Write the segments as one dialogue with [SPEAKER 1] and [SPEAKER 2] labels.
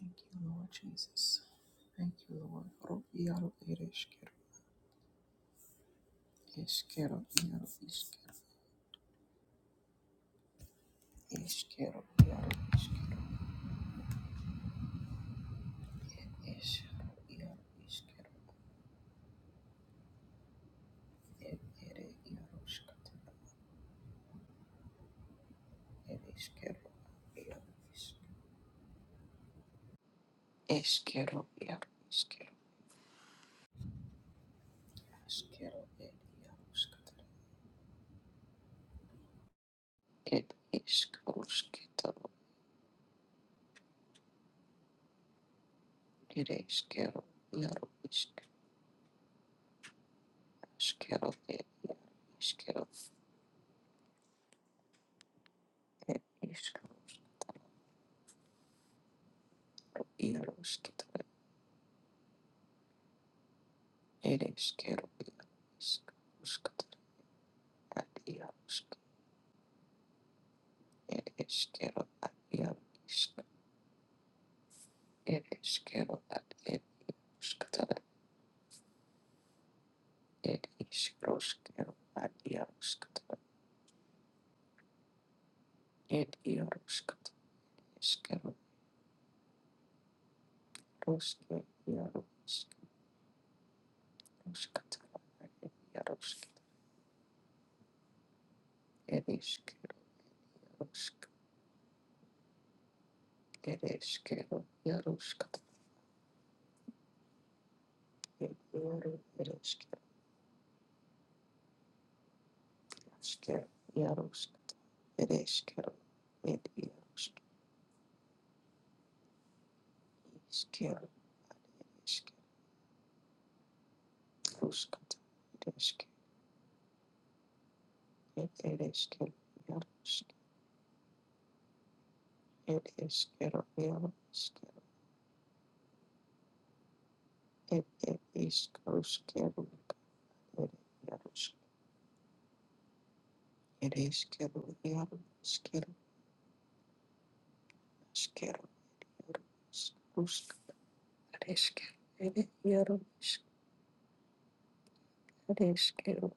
[SPEAKER 1] Thank you, Lord Jesus. Thank you, Lord. Ro iaro ere eskero, eskero iaro iskero, eskero iaro iskero, ed eskero iaro Ishkero, ed ere iaro skatero, ed eskero iaro iskero, eskero iaro iskero, eskero ed iaro skatero, ed eskero skatero, ere eskero iaro Ishkero, eskero ed iaro iskero, ed eskero iaro skatero. ir išskyrų išskyrų atjauską ir išskyrų atjauską ir išskyrų atjauską ir išskyrų atjauską ir jauską išskyrų ruskį jauską ir išskyrų ruskį ir išskyrų jauską ir išskyrų jauską ir išskyrų jauską ir išskyrų Iškėlė, iškėlė, užkatė, iškėlė, ir iškėlė, ir iškėlė, ir iškėlė, ir iškėlė, ir iškėlė, užkėlė, ir iškėlė, ir iškėlė, ir iškėlė, iškėlė, ir užkėlė, iškėlė, ir iškėlė, iškėlė, ir iškėlė, užkėlė, ir iškėlė,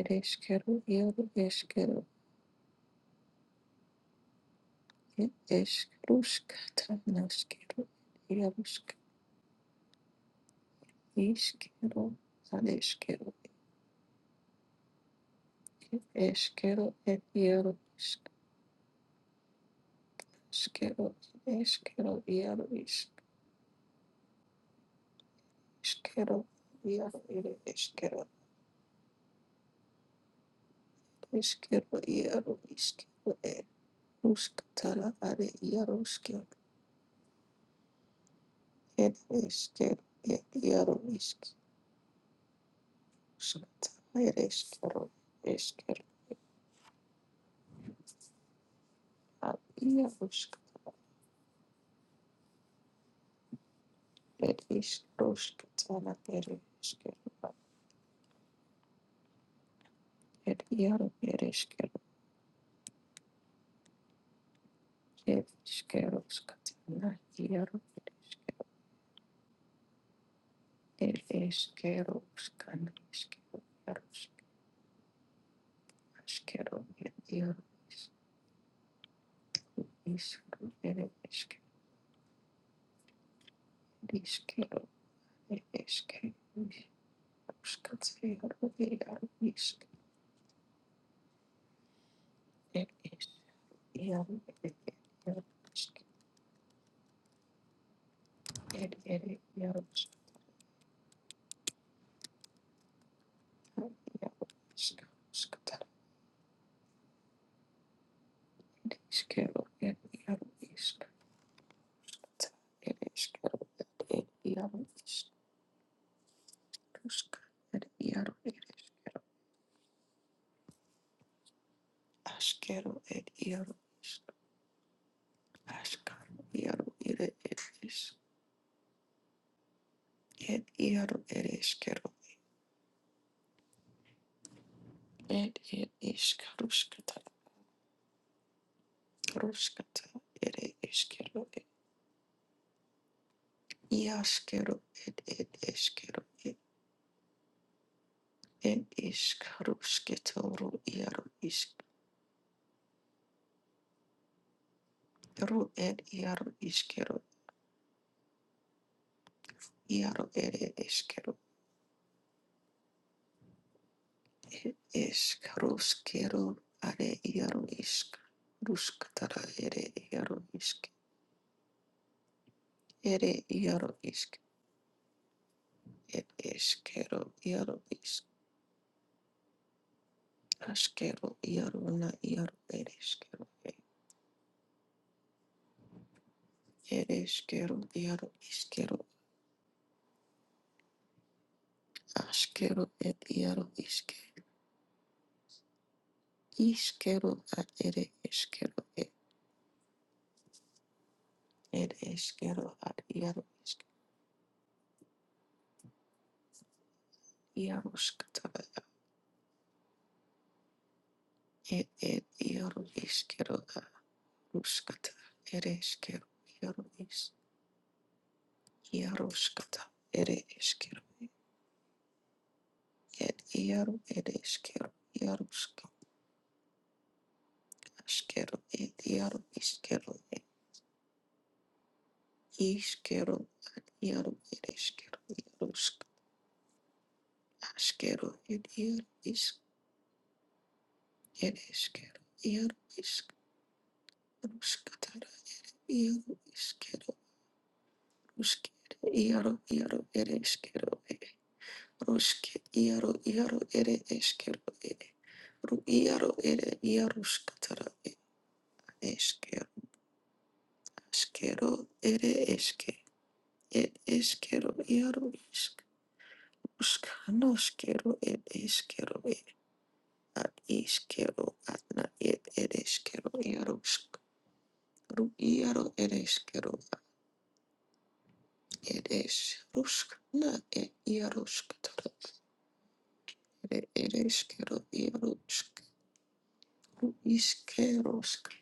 [SPEAKER 1] ir iškėlė, ir iškėlė, Eshkerushka, Tanashkeru, Yarushka, Ishkeru, Adeshkeru, Eshkeru, and Yaru, Ishkeru, Eshkeru, Yaru, Ishkeru, Yaru, Eshkeru, Eshkeru, Yaru, Ishkeru, Rushka, Tara, Ade, Yarushka, and Eshkeru, Yaru, Ishkeru, Eshkeru, Eshkeru, Yarushka. It is Roskatana Ereshkigal. It Yaro Ereshkigal. It is Keroskatana Yaro Ereshkigal. It is Keroskana Ereshkigal. Yaroskero It Yaro is Ereshkigal. It is Kero Ereshkigal. Roskatana Yaro is It is Yaro Ereshkigal. It is Yaro Ereshkigal. Isqueiro, el hierro iscata, el isquero, el hierro iscusca, el hierro, el isquero, asquero, el hierro ascaro, hierro, el eres, el hierro, el isquero, el el iscaruscata, ruscata, el isquero, el iasquero, el el isquero, el el iscaruscetoro, ru isquero, el hierro Iaro ere eskero, eskeruskero, are iaro isk, ruskatara ere iaro isk, ere iaro isk, et eskero, iaro isk, askero, iaro na iaro ere eskero, e, ere eskero, iaro iskero, askero et iaro iske, iskero at ere eskero, et, et eskero at iaro isk, iaro skatara, et et iaro iskero, at Ruskata ere eskero iaro is iaroskata ere eskero ed iaro ere eskero iaroska askero ed iaro iskero ed iskero ad iaro ere eskero iaroska askero ed iaro is ere eskero iaro isk ruskata ere iaro iskero ruskere iaro iaro ere eskero Ruske iaro iaro ere eskero ere. Ru iaro ere iaruskatara e- eskero askero ere eske. Et eskero iaro isk. Uskanoskero et eskero ere. Ad iskero adna et ere eskero iarusk. Ru iaro ere eskero ad ere es. Rusk na et iaruskatara ere ere eskero iarusk. Ru iskerosk.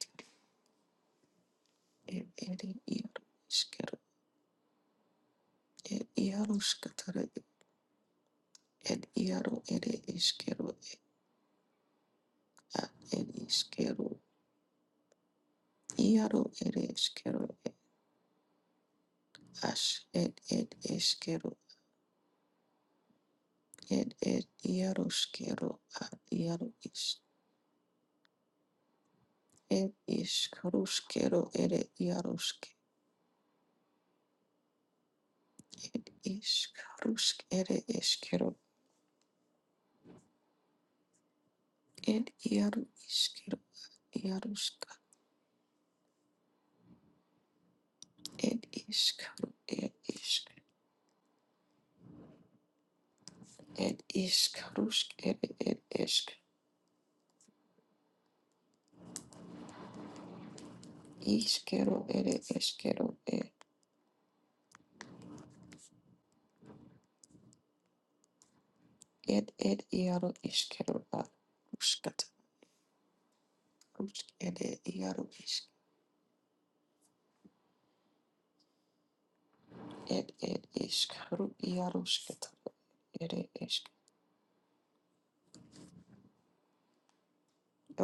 [SPEAKER 1] ir ere iero išgero ir iero skatara ir iero ere išgero at ir išgero iero ere išgero aš ir ir išgero ir ir iero išgero at iero iš ir išgero išgero ere iero išgero ir išgero ere išgero ir iero išgero iero išgero ir išgero ir išgero Ed isk, ed, iskarusk ed ed isk. Iskero ere eskero e ed ed iaro iskero a ruskata rusk ere iaro isk ed ed isk ru iaro skata ere isk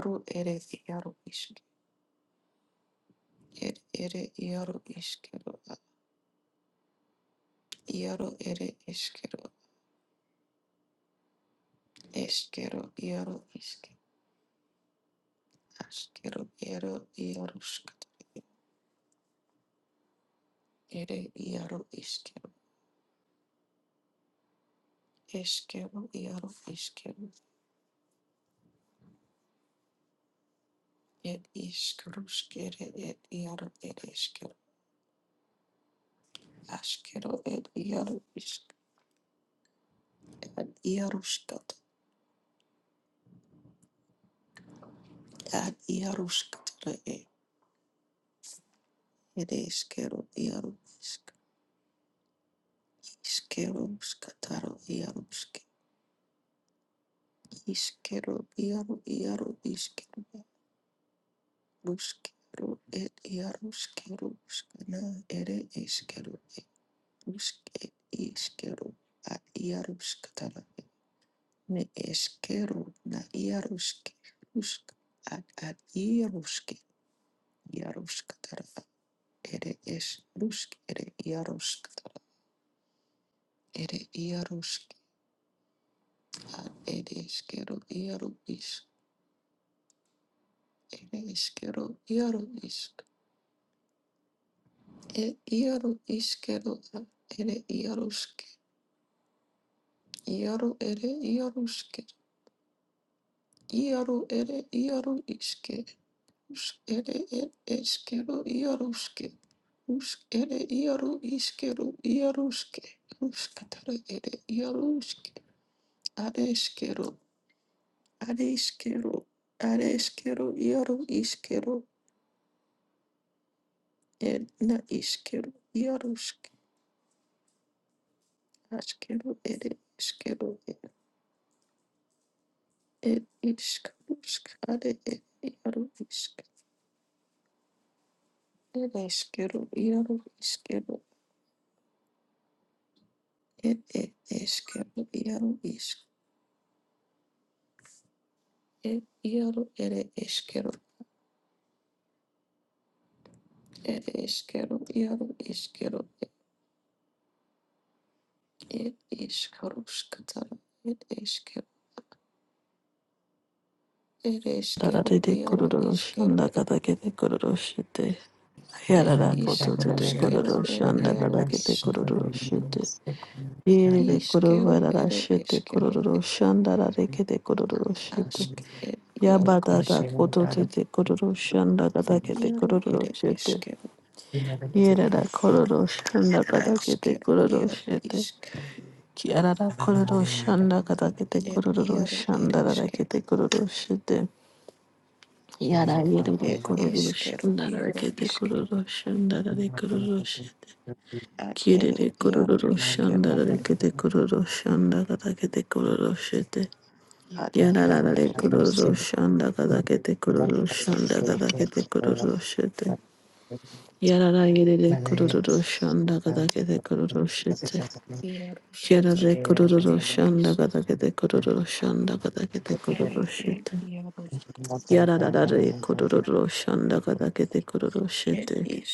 [SPEAKER 1] ru ere iaro isk ed ere iaro iskero a iaro ere eskero eskero iaro isk askero ero iaro skata ere iaro iskero eskero iaro iskero Ed ishkarushkere ed iaru ed ishkaru ashkero ed iaru ishkad iarushkat ad iarushkatara ed ed ishkero iaru ishk ishkero shkataro iarushke ishkero iaru iaru ishkero rushkero ed iarushkero shkana ere ishkero ed rushk ed ishkero ad iarushkatara ed ne eškero na iaruški rušk ad ad iaruški iaruška tara ere eš rušk ere iaruška tara ere iaruški ad ere eškero iaru isk ere eškero iaru isk e iaru iskero ad ere iaruški iaru ere iaruški iaru ere iaru iske Usk ere ed eskero iaruske. Usk ere iaru iskero iaruske. Uskatara ere iaruske. Areskero, areskero, areskero iaru iskero. Ed na iskero iaruske. Askero ere iskero ed ed isk. Usk are ed iaru isk. Ed eskero iaru iskero. Ed ed eskero iaru isk. ir iero ere eskero ed eskero iero eskero ed eskero skatara ed eskero ed eskero
[SPEAKER 2] Yararare de
[SPEAKER 1] iero
[SPEAKER 2] kororo
[SPEAKER 1] eskero
[SPEAKER 2] shanda kada kete kororo shete.
[SPEAKER 3] Malaya, um, I think
[SPEAKER 1] ed
[SPEAKER 2] Yarara koto
[SPEAKER 1] eskero
[SPEAKER 2] tete
[SPEAKER 1] skero
[SPEAKER 2] kororo
[SPEAKER 1] ed
[SPEAKER 2] shanda
[SPEAKER 1] iero
[SPEAKER 2] kada
[SPEAKER 3] that's
[SPEAKER 2] kete
[SPEAKER 3] a
[SPEAKER 1] isk
[SPEAKER 2] kororo shete. Yere de
[SPEAKER 1] iskero
[SPEAKER 2] korovarara
[SPEAKER 1] ere
[SPEAKER 2] shete
[SPEAKER 1] eskero
[SPEAKER 2] kororo
[SPEAKER 1] ed
[SPEAKER 2] shanda rare kete kororo shete.
[SPEAKER 1] ask ed iero
[SPEAKER 2] Yabata da
[SPEAKER 1] isk
[SPEAKER 2] koto tete kororo shanda kada kete
[SPEAKER 1] iero
[SPEAKER 2] kororo
[SPEAKER 1] ere
[SPEAKER 2] shete.
[SPEAKER 1] eskero
[SPEAKER 3] good
[SPEAKER 2] Yere da kororo shanda kada kete
[SPEAKER 1] askero
[SPEAKER 2] kororo
[SPEAKER 1] iero
[SPEAKER 2] shete.
[SPEAKER 1] isk
[SPEAKER 2] Kiarara kororo
[SPEAKER 3] idea,
[SPEAKER 2] shanda kada kete
[SPEAKER 1] ed
[SPEAKER 2] kororo
[SPEAKER 1] iero ere
[SPEAKER 2] shanda rare kete
[SPEAKER 1] eskero
[SPEAKER 2] kororo shete. Yada yedede
[SPEAKER 1] ed
[SPEAKER 2] kururu
[SPEAKER 1] eskero
[SPEAKER 2] şandara
[SPEAKER 1] iero
[SPEAKER 2] kete
[SPEAKER 1] isk
[SPEAKER 2] kururu şandara de kururu şete.
[SPEAKER 1] ad ere
[SPEAKER 2] Kirede
[SPEAKER 1] iaro
[SPEAKER 2] kururu
[SPEAKER 1] iskero
[SPEAKER 2] şandara de kete kururu şandara da kete kururu şete.
[SPEAKER 1] ad
[SPEAKER 3] I
[SPEAKER 2] Yada
[SPEAKER 1] iaro
[SPEAKER 2] dara de
[SPEAKER 1] ere es
[SPEAKER 3] don't
[SPEAKER 2] kururu şandara da kete kururu şandara da kete kururu şete. Yada yedede kururu şandara da kete kururu şete.
[SPEAKER 1] iaro skata
[SPEAKER 2] Kirede
[SPEAKER 1] ere
[SPEAKER 2] kururu
[SPEAKER 1] ed
[SPEAKER 3] Hallelujah.
[SPEAKER 1] is
[SPEAKER 2] şandara da kete kururu şandara da
[SPEAKER 3] Yes,
[SPEAKER 2] kete
[SPEAKER 1] ere
[SPEAKER 2] kururu
[SPEAKER 1] ed
[SPEAKER 2] şete.
[SPEAKER 1] iaro
[SPEAKER 2] Yada dara de kururu şandara da kete kururu
[SPEAKER 1] ed
[SPEAKER 2] şete.
[SPEAKER 1] is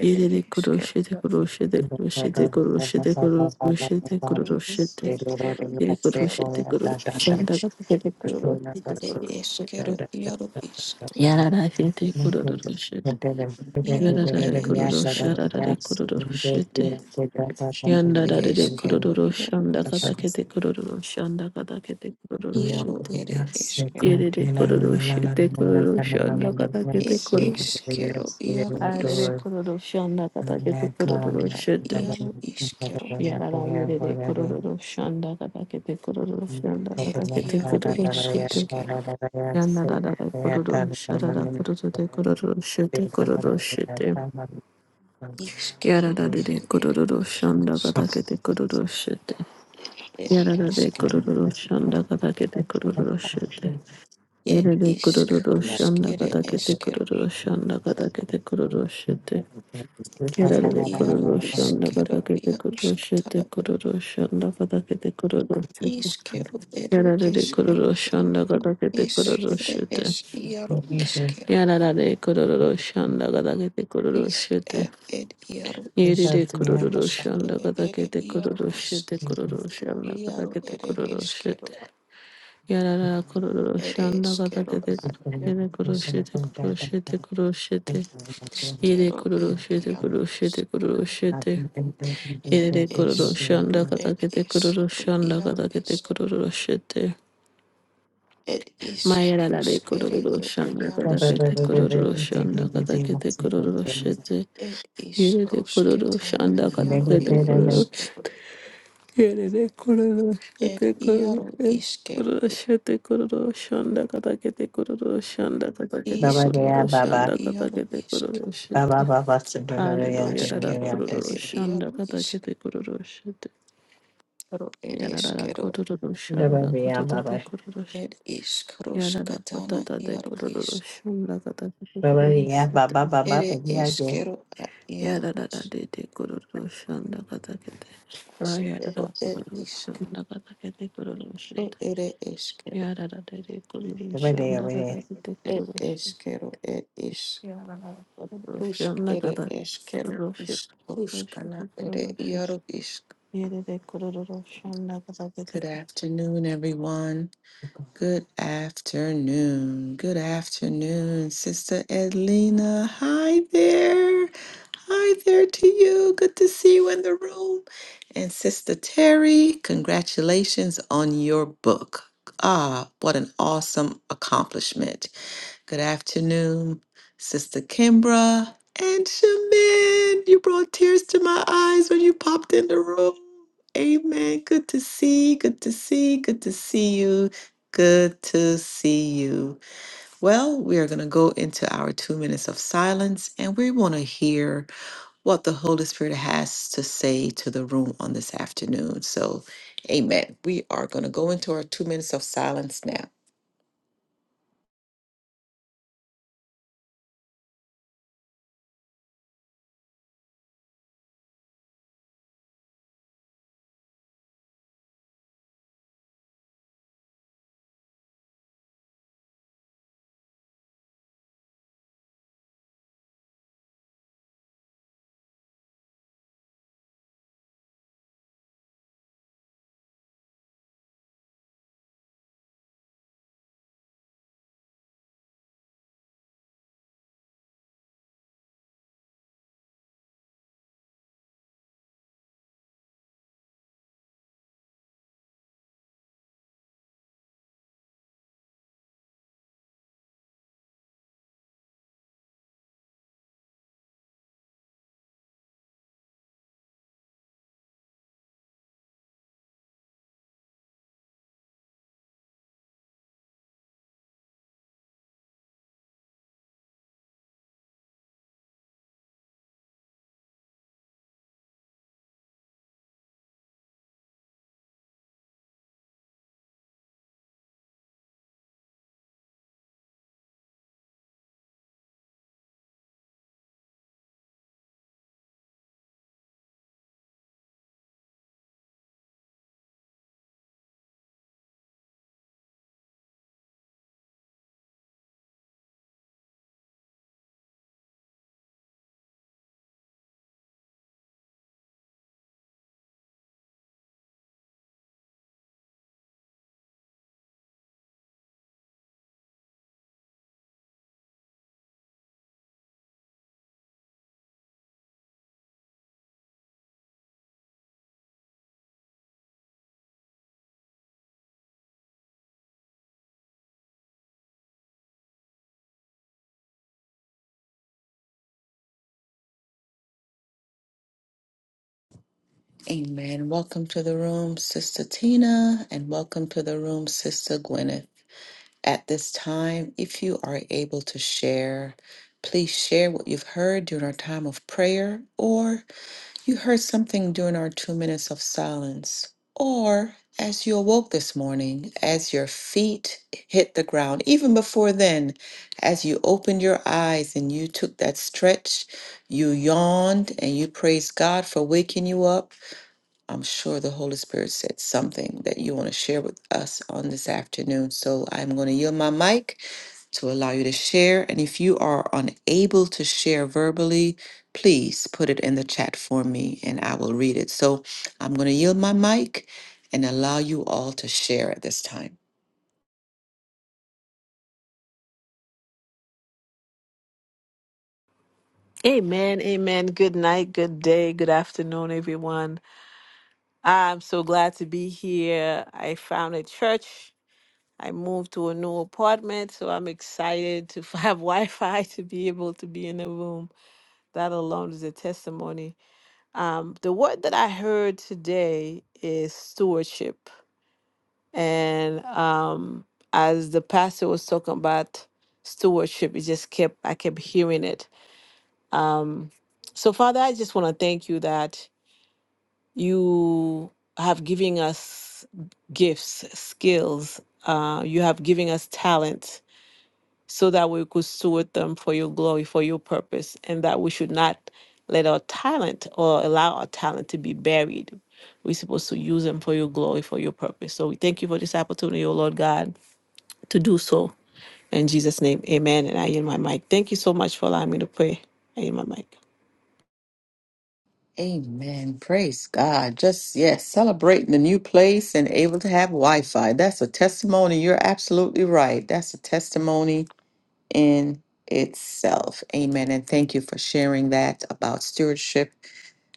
[SPEAKER 1] ere
[SPEAKER 2] Irere
[SPEAKER 1] iskero
[SPEAKER 2] kuroshete
[SPEAKER 1] ad
[SPEAKER 2] kuroshete kuroshete kuroshete kuroshete kuroshete
[SPEAKER 1] iskero
[SPEAKER 2] iri
[SPEAKER 1] ed iaro
[SPEAKER 2] kuroshete kuroshanda kapekete kuroshete
[SPEAKER 1] ad iskero
[SPEAKER 2] kuroshete
[SPEAKER 1] iaro is
[SPEAKER 2] yarara shete kuroshete
[SPEAKER 1] iaro
[SPEAKER 2] yarara
[SPEAKER 1] ere iskero
[SPEAKER 2] kurosharara
[SPEAKER 1] ad
[SPEAKER 2] kuroshete
[SPEAKER 1] ere
[SPEAKER 2] yandarare
[SPEAKER 1] iskero iaro
[SPEAKER 2] kuroshanda
[SPEAKER 1] is
[SPEAKER 2] katakete kuroshanda katakete
[SPEAKER 1] iaro
[SPEAKER 2] kuroshete
[SPEAKER 1] ere iskero
[SPEAKER 2] irere kuroshete kuroshanda katakete
[SPEAKER 1] ed
[SPEAKER 2] kuroshete
[SPEAKER 1] iskero iaro is
[SPEAKER 2] arere kuroshanda katakete
[SPEAKER 3] Thank
[SPEAKER 2] kuroshete
[SPEAKER 1] iaro iskero
[SPEAKER 2] Yarara yerere kororo shanda kada kadakete kororo shanda
[SPEAKER 1] Ed
[SPEAKER 2] kada kadakete
[SPEAKER 1] iaro
[SPEAKER 2] kororo
[SPEAKER 1] ere
[SPEAKER 2] shete.
[SPEAKER 1] eskero.
[SPEAKER 2] Yandarara kororo sharara kororo de kororo shete kororo shete.
[SPEAKER 1] Iskero
[SPEAKER 2] Yarara de
[SPEAKER 1] ad ere
[SPEAKER 2] kororo shanda
[SPEAKER 1] iaros.
[SPEAKER 2] kada kadakete kororo shete.
[SPEAKER 1] Ere
[SPEAKER 2] Yarara de
[SPEAKER 1] eskero.
[SPEAKER 2] kororo shanda kada kadakete kororo shete.
[SPEAKER 1] Ed
[SPEAKER 2] Yerere kororo
[SPEAKER 1] iskarusk
[SPEAKER 2] shanda
[SPEAKER 1] ere
[SPEAKER 2] kada kadakete
[SPEAKER 3] you.
[SPEAKER 1] eskero.
[SPEAKER 2] kororo shanda kada kadakete kororo shete.
[SPEAKER 1] Ed
[SPEAKER 2] Kerere
[SPEAKER 1] iaro
[SPEAKER 2] kororo shanda
[SPEAKER 1] iskero
[SPEAKER 2] kada kete
[SPEAKER 1] iaros
[SPEAKER 2] kororo shete
[SPEAKER 1] katara.
[SPEAKER 2] kororo shanda kada kadakete kororo shete.
[SPEAKER 1] Iskero ere
[SPEAKER 2] Yarare kororo
[SPEAKER 1] eskero
[SPEAKER 2] shanda
[SPEAKER 1] es.
[SPEAKER 2] gada kete
[SPEAKER 1] isk
[SPEAKER 2] kororo
[SPEAKER 1] ere es
[SPEAKER 2] shete.
[SPEAKER 1] iaro iskero.
[SPEAKER 2] Yarare kororo shanda gada kete kororo
[SPEAKER 1] Isk
[SPEAKER 2] shete.
[SPEAKER 1] ed ed iaro isk.
[SPEAKER 2] Yerere kororo
[SPEAKER 1] Rusk
[SPEAKER 2] shanda
[SPEAKER 1] ere
[SPEAKER 2] gada
[SPEAKER 1] ere
[SPEAKER 2] kete
[SPEAKER 1] iaro
[SPEAKER 2] kororo
[SPEAKER 1] isk.
[SPEAKER 2] shete kororo shanda gada
[SPEAKER 1] Iaro
[SPEAKER 2] kete
[SPEAKER 1] ere
[SPEAKER 2] kororo
[SPEAKER 1] eskero.
[SPEAKER 2] shete. Yarara kororo
[SPEAKER 1] Ere
[SPEAKER 2] shanda gada
[SPEAKER 1] eskero
[SPEAKER 2] kete
[SPEAKER 1] ad iaro
[SPEAKER 2] yere kororo
[SPEAKER 1] isk.
[SPEAKER 2] shete kororo shete kororo shete. Yere
[SPEAKER 1] Skero
[SPEAKER 2] kororo
[SPEAKER 1] ed
[SPEAKER 2] shete
[SPEAKER 1] iaro
[SPEAKER 2] kororo shete
[SPEAKER 1] is.
[SPEAKER 2] kororo
[SPEAKER 3] Praise
[SPEAKER 2] shete.
[SPEAKER 3] the
[SPEAKER 1] Ed
[SPEAKER 2] Yerere kororo
[SPEAKER 1] is. Ru
[SPEAKER 2] shanda gada
[SPEAKER 1] ed
[SPEAKER 2] kete
[SPEAKER 1] is.
[SPEAKER 2] kororo
[SPEAKER 1] Ru
[SPEAKER 2] shanda
[SPEAKER 1] iaro
[SPEAKER 2] gada kete
[SPEAKER 1] is.
[SPEAKER 2] kororo shete.
[SPEAKER 1] Ed is
[SPEAKER 2] Mayara la
[SPEAKER 1] rus
[SPEAKER 2] de
[SPEAKER 1] ere
[SPEAKER 2] Kururu
[SPEAKER 1] ed
[SPEAKER 2] Shanda
[SPEAKER 1] iaros
[SPEAKER 2] Katakete
[SPEAKER 1] katara.
[SPEAKER 2] Kururu Shanda Katakete Kururu Shete
[SPEAKER 1] Ed is
[SPEAKER 2] Yere de
[SPEAKER 1] rus
[SPEAKER 2] Kururu
[SPEAKER 1] ketana
[SPEAKER 2] Shanda
[SPEAKER 1] iaro
[SPEAKER 2] Katakete
[SPEAKER 1] ere
[SPEAKER 2] Kururu
[SPEAKER 1] eskero.
[SPEAKER 2] Yere de Kururu
[SPEAKER 1] Ed
[SPEAKER 2] Shete Kururu
[SPEAKER 1] iaro iskero ed.
[SPEAKER 2] Shete Kururu Shete Kururu Shanda Katakete Kururu Shanda Katakete
[SPEAKER 1] Iskero
[SPEAKER 2] Kururu
[SPEAKER 1] ed
[SPEAKER 2] Shanda
[SPEAKER 1] iaro
[SPEAKER 2] Katakete
[SPEAKER 1] isk.
[SPEAKER 2] Kururu Shete Hallelujah Rada
[SPEAKER 1] Askero
[SPEAKER 2] Kururu
[SPEAKER 1] ere
[SPEAKER 2] Shanda
[SPEAKER 1] iaro isk.
[SPEAKER 2] Katakete Kururu Shete
[SPEAKER 1] Ru ere
[SPEAKER 2] Yarada
[SPEAKER 1] eskero.
[SPEAKER 2] Kururu Shanda Katakete Kururu
[SPEAKER 1] Ed is rus
[SPEAKER 2] Amen,
[SPEAKER 1] katana iaro isk. Ere eskero ad iaro isk. Askero ed iskero ere eskero ed eskero ed is rusk ere eskero is ruskana ere iaro isk. Good afternoon, everyone. Good afternoon. Good afternoon, Sister Edlina. Hi there. Hi there to you. Good to see you in the room. And Sister Terry, congratulations on your book. Ah, what an awesome accomplishment. Good afternoon, Sister Kimbra and Shamin. You brought tears to my eyes when you popped in the room. Amen. Good to see. Good to see. Good to see you. Good to see you. Well, we are going to go into our two minutes of silence and we want to hear what the Holy Spirit has to say to the room on this afternoon. So, amen. We are going to go into our two minutes of silence now. Amen. Welcome to the room, Sister Tina, and welcome to the room, Sister Gwyneth. At this time, if you are able to share, please share what you've heard during our time of prayer, or you heard something during our two minutes of silence, or as you awoke this morning, as your feet hit the ground, even before then, as you opened your eyes and you took that stretch, you yawned and you praised God for waking you up I'm sure the Holy Spirit said something that you want to share with us on this afternoon. So I'm going to yield my mic to allow you to share. And if you are unable to share verbally, please put it in the chat for me and I will read it. So I'm going to yield my mic and allow you all to share at this time.
[SPEAKER 2] amen. Good night, good day, good afternoon, everyone. I'm so glad to be here. I found a church. I moved to a new apartment, so I'm excited to have Wi Fi to be able to be in the room. That alone is a testimony. Um, the word that I heard today is stewardship. And um, as the pastor was talking about stewardship, it just kept, I kept hearing it. Um, so, Father, I just want to thank you that you have given us gifts, skills, uh, you have given us talent so that we could steward them for your glory, for your purpose, and that we should not let our talent or allow our talent to be buried. We're supposed to use them for your glory, for your purpose. So we thank you for this opportunity, O Lord God, to do so. In Jesus' name, amen. And I yield my mic. Thank you so much for allowing me to pray. I yield my mic.
[SPEAKER 1] Amen. Praise God. Just, yes, celebrating the new place and able to have Wi Fi. That's a testimony. You're absolutely right. That's a testimony in itself. Amen. And thank you for sharing that about stewardship,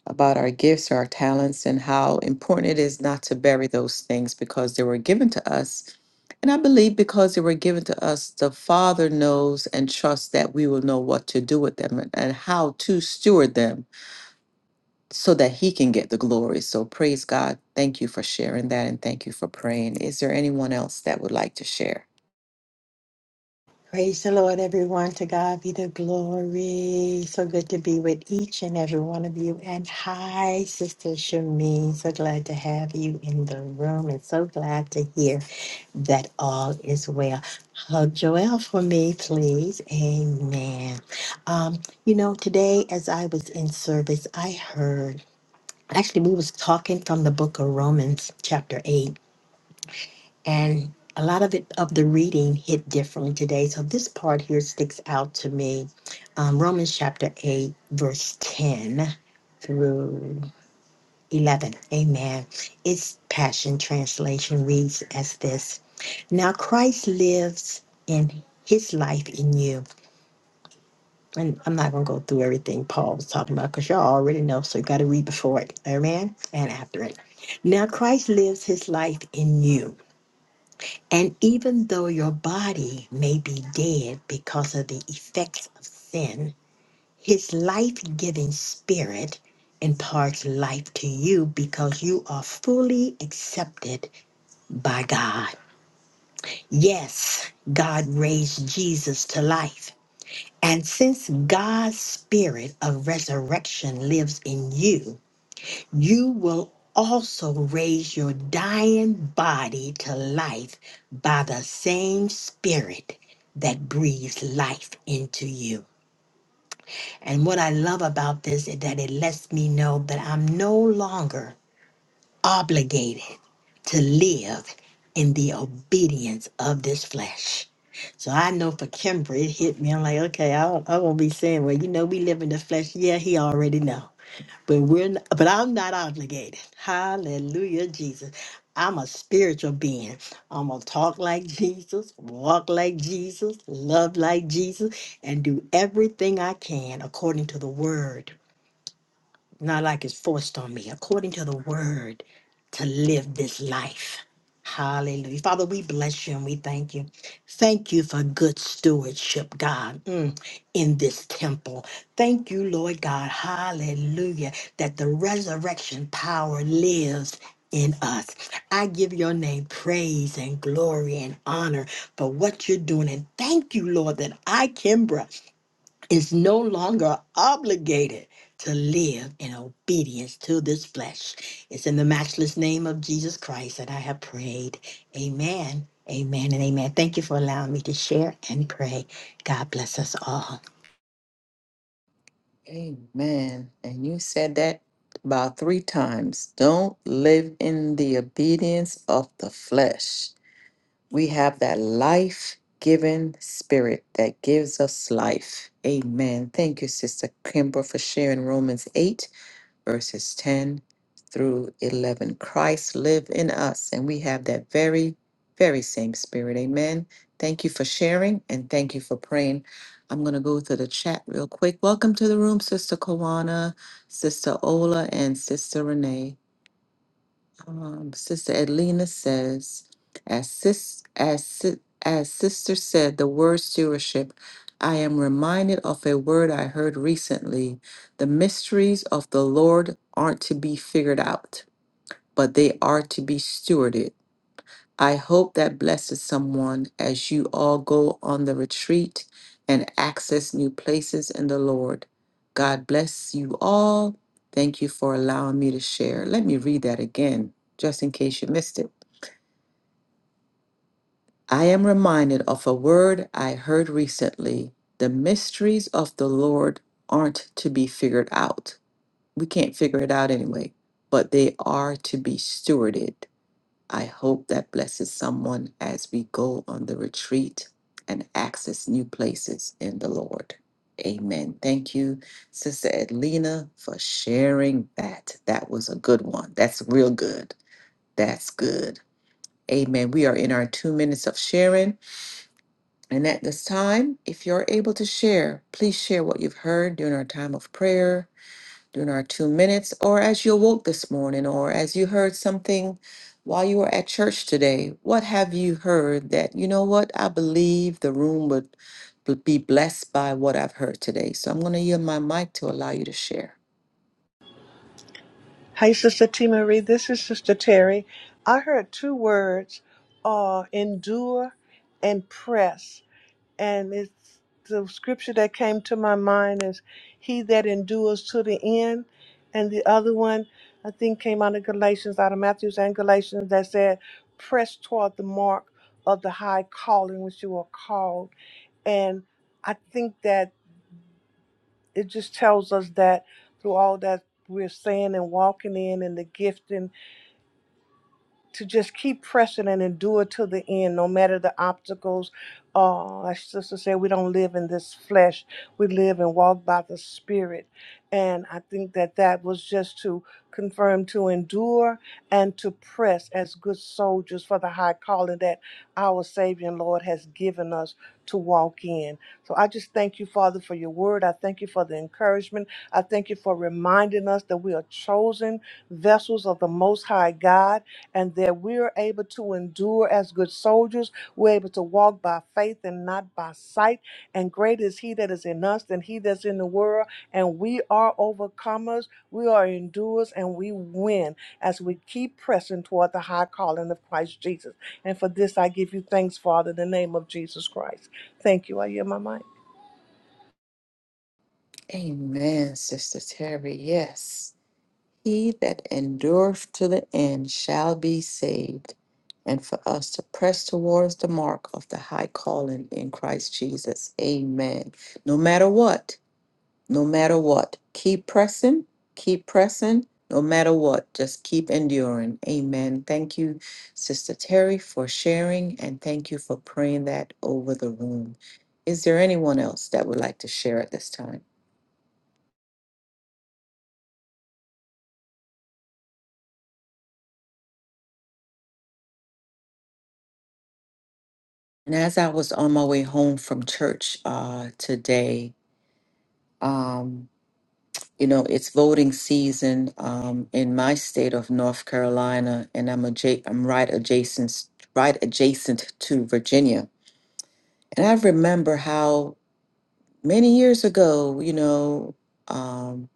[SPEAKER 1] about our gifts, our talents, and how important it is not to bury those things because they were given to us. And I believe because they were given to us, the Father knows and trusts that we will know what to do with them and, and how to steward them so that He can get the glory. So praise God. Thank you for sharing that and thank you for praying. Is there anyone else that would like to share?
[SPEAKER 3] Lord, everyone. To God be the glory. So good to be with each and every one of you. And hi, Sister Shamin. So glad to have you in the room and so glad to hear. that all is well. Hug Joel for me, please. Amen. Um, you know, today as I was in service, I heard actually we was talking from the book of Romans, chapter eight, and a lot of it of the reading hit differently today. So this part here sticks out to me. Um, Romans chapter eight, verse ten through 11. Amen. Its Passion Translation reads as this Now Christ lives in his life in you. And I'm not going to go through everything Paul was talking about because y'all already know, so you got to read before it. Amen. And after it. Now Christ lives his life in you. And even though your body may be dead because of the effects of sin, his life giving spirit imparts life to you because you are fully accepted by God. Yes, God raised Jesus to life. And since God's spirit of resurrection lives in you, you will also raise your dying body to life by the same spirit that breathes life into you. And what I love about this is that it lets me know that I'm no longer obligated to live in the obedience of this flesh. So I know for Kimber, it hit me. I'm like, okay, I, I won't be saying, well, you know, we live in the flesh. Yeah, he already know but we're n- but I'm not obligated. Hallelujah, Jesus. I'm a spiritual being. I'm gonna talk like Jesus, walk like Jesus, love like Jesus, and do everything I can according to the word not like it's forced on me, according to the word, to live this life. Hallelujah. Father, we bless you and we thank you. Thank you for good stewardship, God, mm, in this temple. Thank you, Lord God. Hallelujah. That the resurrection power lives in us. I give your name praise and glory and honor for what you're doing. And thank you, Lord, that I, Kimbra, is no longer obligated to live in obedience to this flesh. It's in the matchless name of Jesus Christ that I have prayed. Amen, amen, and amen. Thank you for allowing me to share and pray. God bless us all.
[SPEAKER 1] Amen. And you said that about three times. Don't live in the obedience of the flesh. We have that life giving spirit that gives us life. Amen. Thank you, Sister Kimber, for sharing Romans 8 verses 10 through 11. Christ live in us, and we have that very, very same spirit. Amen. Thank you for sharing and thank you for praying. I'm going to go to the chat real quick. Welcome to the room, Sister Kawana, Sister Ola, and Sister Renee. Um, Sister Edlina says, as sis, as si- as sister said, the word stewardship. I am reminded of a word I heard recently. The mysteries of the Lord aren't to be figured out, but they are to be stewarded. I hope that blesses someone as you all go on the retreat and access new places in the Lord. God bless you all. Thank you for allowing me to share. Let me read that again, just in case you missed it. I am reminded of a word I heard recently the mysteries of the Lord aren't to be figured out. We can't figure it out anyway, but they are to be stewarded. I hope that blesses someone as we go on the retreat and access new places in the Lord. Amen. Thank you, Sister Edlina, for sharing that. That was a good one. That's real good. That's good. Amen. We are in our two minutes of sharing. And at this time, if you're able to share, please share what you've heard during our time of prayer during our two minutes, or as you awoke this morning, or as you heard something while you were at church today. What have you heard that, you know what, I believe the room would, would be blessed by what I've heard today? So I'm going to yield my mic to allow you to share.
[SPEAKER 4] Hi, Sister T. Marie. This is Sister Terry. I heard two words uh, endure and press. And it's the scripture that came to my mind is he that endures to the end. And the other one, I think, came out of Galatians, out of Matthews and Galatians, that said, press toward the mark of the high calling which you are called. And I think that it just tells us that through all that we're saying and walking in and the gifting to just keep pressing and endure to the end, no matter the obstacles. Uh, like sister said, we don't live in this flesh. We live and walk by the Spirit. And I think that that was just to confirm to endure and to press as good soldiers for the high calling that our Savior and Lord has given us to walk in. So I just thank you, Father, for your word. I thank you for the encouragement. I thank you for reminding us that we are chosen vessels of the Most High God and that we're able to endure as good soldiers. We're able to walk by faith and not by sight. And great is He that is in us than He that's in the world. And we are overcomers, we are endurers, and we win as we keep pressing toward the high calling of Christ Jesus. And for this, I give you thanks, Father, in the name of Jesus Christ. Thank you. I hear my mind.
[SPEAKER 1] Amen, Sister Terry. Yes. He that endureth to the end shall be saved. And for us to press towards the mark of the high calling in Christ Jesus. Amen. No matter what, no matter what. Keep pressing, keep pressing, no matter what. Just keep enduring. Amen. Thank you, Sister Terry, for sharing, and thank you for praying that over the room. Is there anyone else that would like to share at this time? And as I was on my way home from church uh, today, um, you know, it's voting season um, in my state of North Carolina, and I'm, adja- I'm right adjacent, right adjacent to Virginia. And I remember how many years ago, you know, um,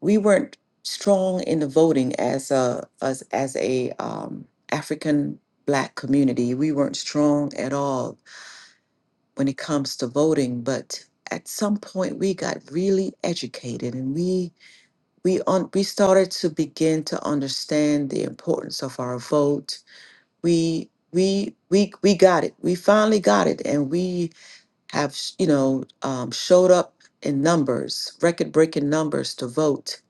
[SPEAKER 1] we weren't strong in the voting as a as, as a um, African Black community. We weren't strong at all when it comes to voting, but at some point we got really educated and we we on we started to begin to understand the importance of our vote. We we we we got it. We finally got it, and we have you know um, showed up in numbers record breaking numbers to vote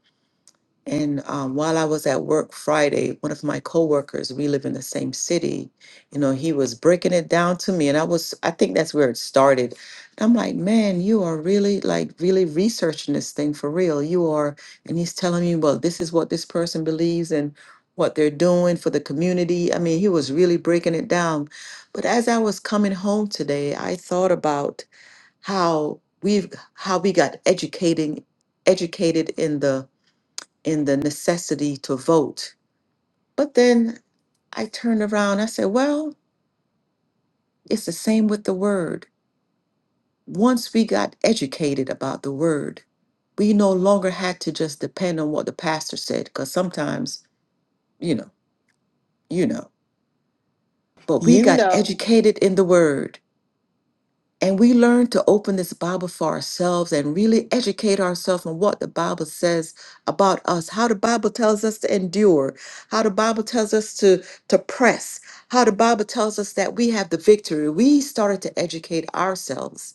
[SPEAKER 1] and um, while i was at work friday one of my coworkers we live in the same city you know he was breaking it down to me and i was i think that's where it started and i'm like man you are really like really researching this thing for real you are and he's telling me well this is what this person believes and what they're doing for the community i mean he was really breaking it down but as i was coming home today i thought about how we've how we got educating educated in the in the necessity to vote. But then I turned around, I said, well, it's the same with the word. Once we got educated about the word, we no longer had to just depend on what the pastor said, because sometimes, you know, you know, but we
[SPEAKER 3] You
[SPEAKER 1] got
[SPEAKER 3] know.
[SPEAKER 1] educated in the word and we learn to open this Bible for ourselves and really educate ourselves on what the Bible says about us, how the Bible tells us to endure, how the Bible tells us to, to press, how the Bible tells us that we have the victory. We started to educate ourselves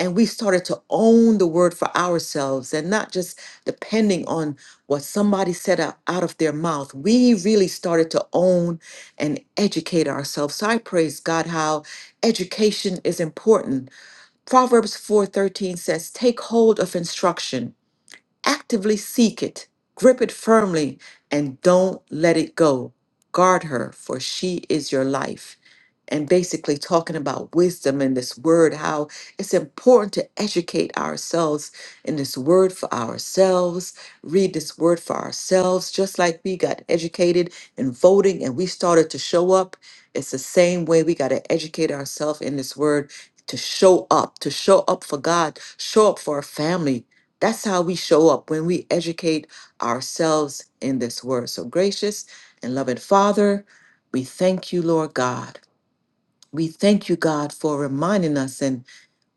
[SPEAKER 1] and we started to own the word for ourselves and not just depending on what somebody said out out of their mouth. We really started to own and educate ourselves. So I praise God how education is important Proverbs 4:13 says, "Take hold of instruction Actively seek it, grip it firmly, and don't let it go. Guard her, for she is your life. And basically, talking about wisdom in this word, how it's important to educate ourselves in this word for ourselves, read this word for ourselves, just like we got educated in voting and we started to show up. It's the same way we got to educate ourselves in this word to show up, to show up for God, show up for our family, that's how we show up when we educate ourselves in this word. So, gracious and loving Father, we thank you, Lord God. We thank you, God, for reminding us. And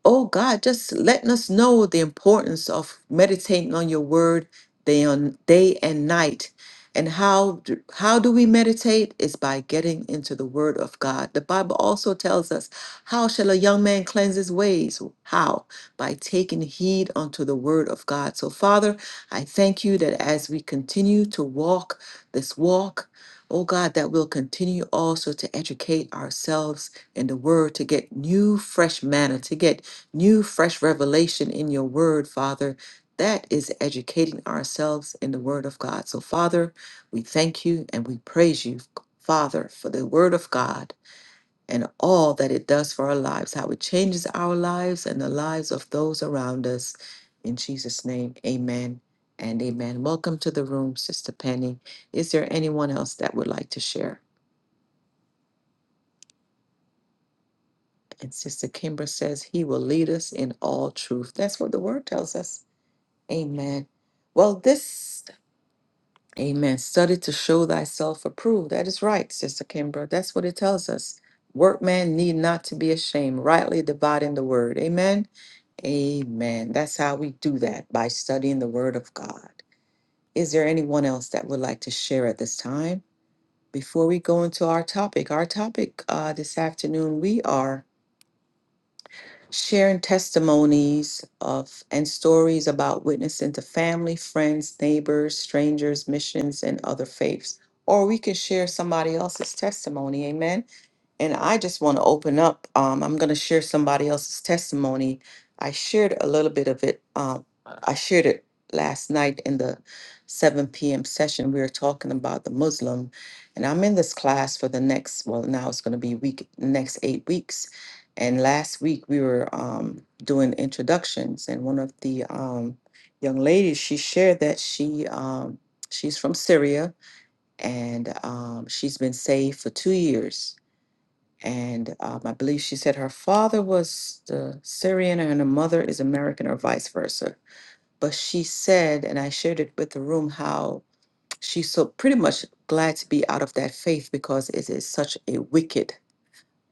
[SPEAKER 1] oh God, just letting us know the importance of meditating on your word day on day and night. And how do, how do we meditate? Is by getting into the word of God. The Bible also tells us, how shall a young man cleanse his ways? How? By taking heed unto the word of God. So Father, I thank you that as we continue to walk this walk, oh God, that we'll continue also to educate ourselves in the word to get new fresh manner, to get new fresh revelation in your word, Father. That is educating ourselves in the word of God. So, Father, we thank you and we praise you, Father, for the word of God and all that it does for our lives, how it changes our lives and the lives of those around us. In Jesus' name, amen and amen. Welcome to the room, Sister Penny. Is there anyone else that would like to share? And Sister Kimber says, He will lead us in all truth. That's what the word tells us. Amen. Well, this, amen, study to show thyself approved. That is right, Sister Kimbra. That's what it tells us. Workmen need not to be ashamed, rightly dividing the word. Amen. Amen. That's how we do that by studying the word of God. Is there anyone else that would like to share at this time? Before we go into our topic, our topic uh, this afternoon, we are sharing testimonies of and stories about witnessing to family, friends, neighbors, strangers, missions, and other faiths. Or we can share somebody else's testimony. Amen and I just want to open up. Um, I'm going to share somebody else's testimony. I shared a little bit of it. Um, I shared it last night in the 7 p.m. session. We were talking about the Muslim, and I'm in this class for the next. Well, now it's going to be week next eight weeks. And last week we were um, doing introductions, and one of the um, young ladies she shared that she um, she's from Syria and um, she's been saved for two years and um, I believe she said her father was the Syrian and her mother is American or vice versa. But she said, and I shared it with the room, how she's so pretty much glad to be out of that faith because it is such a wicked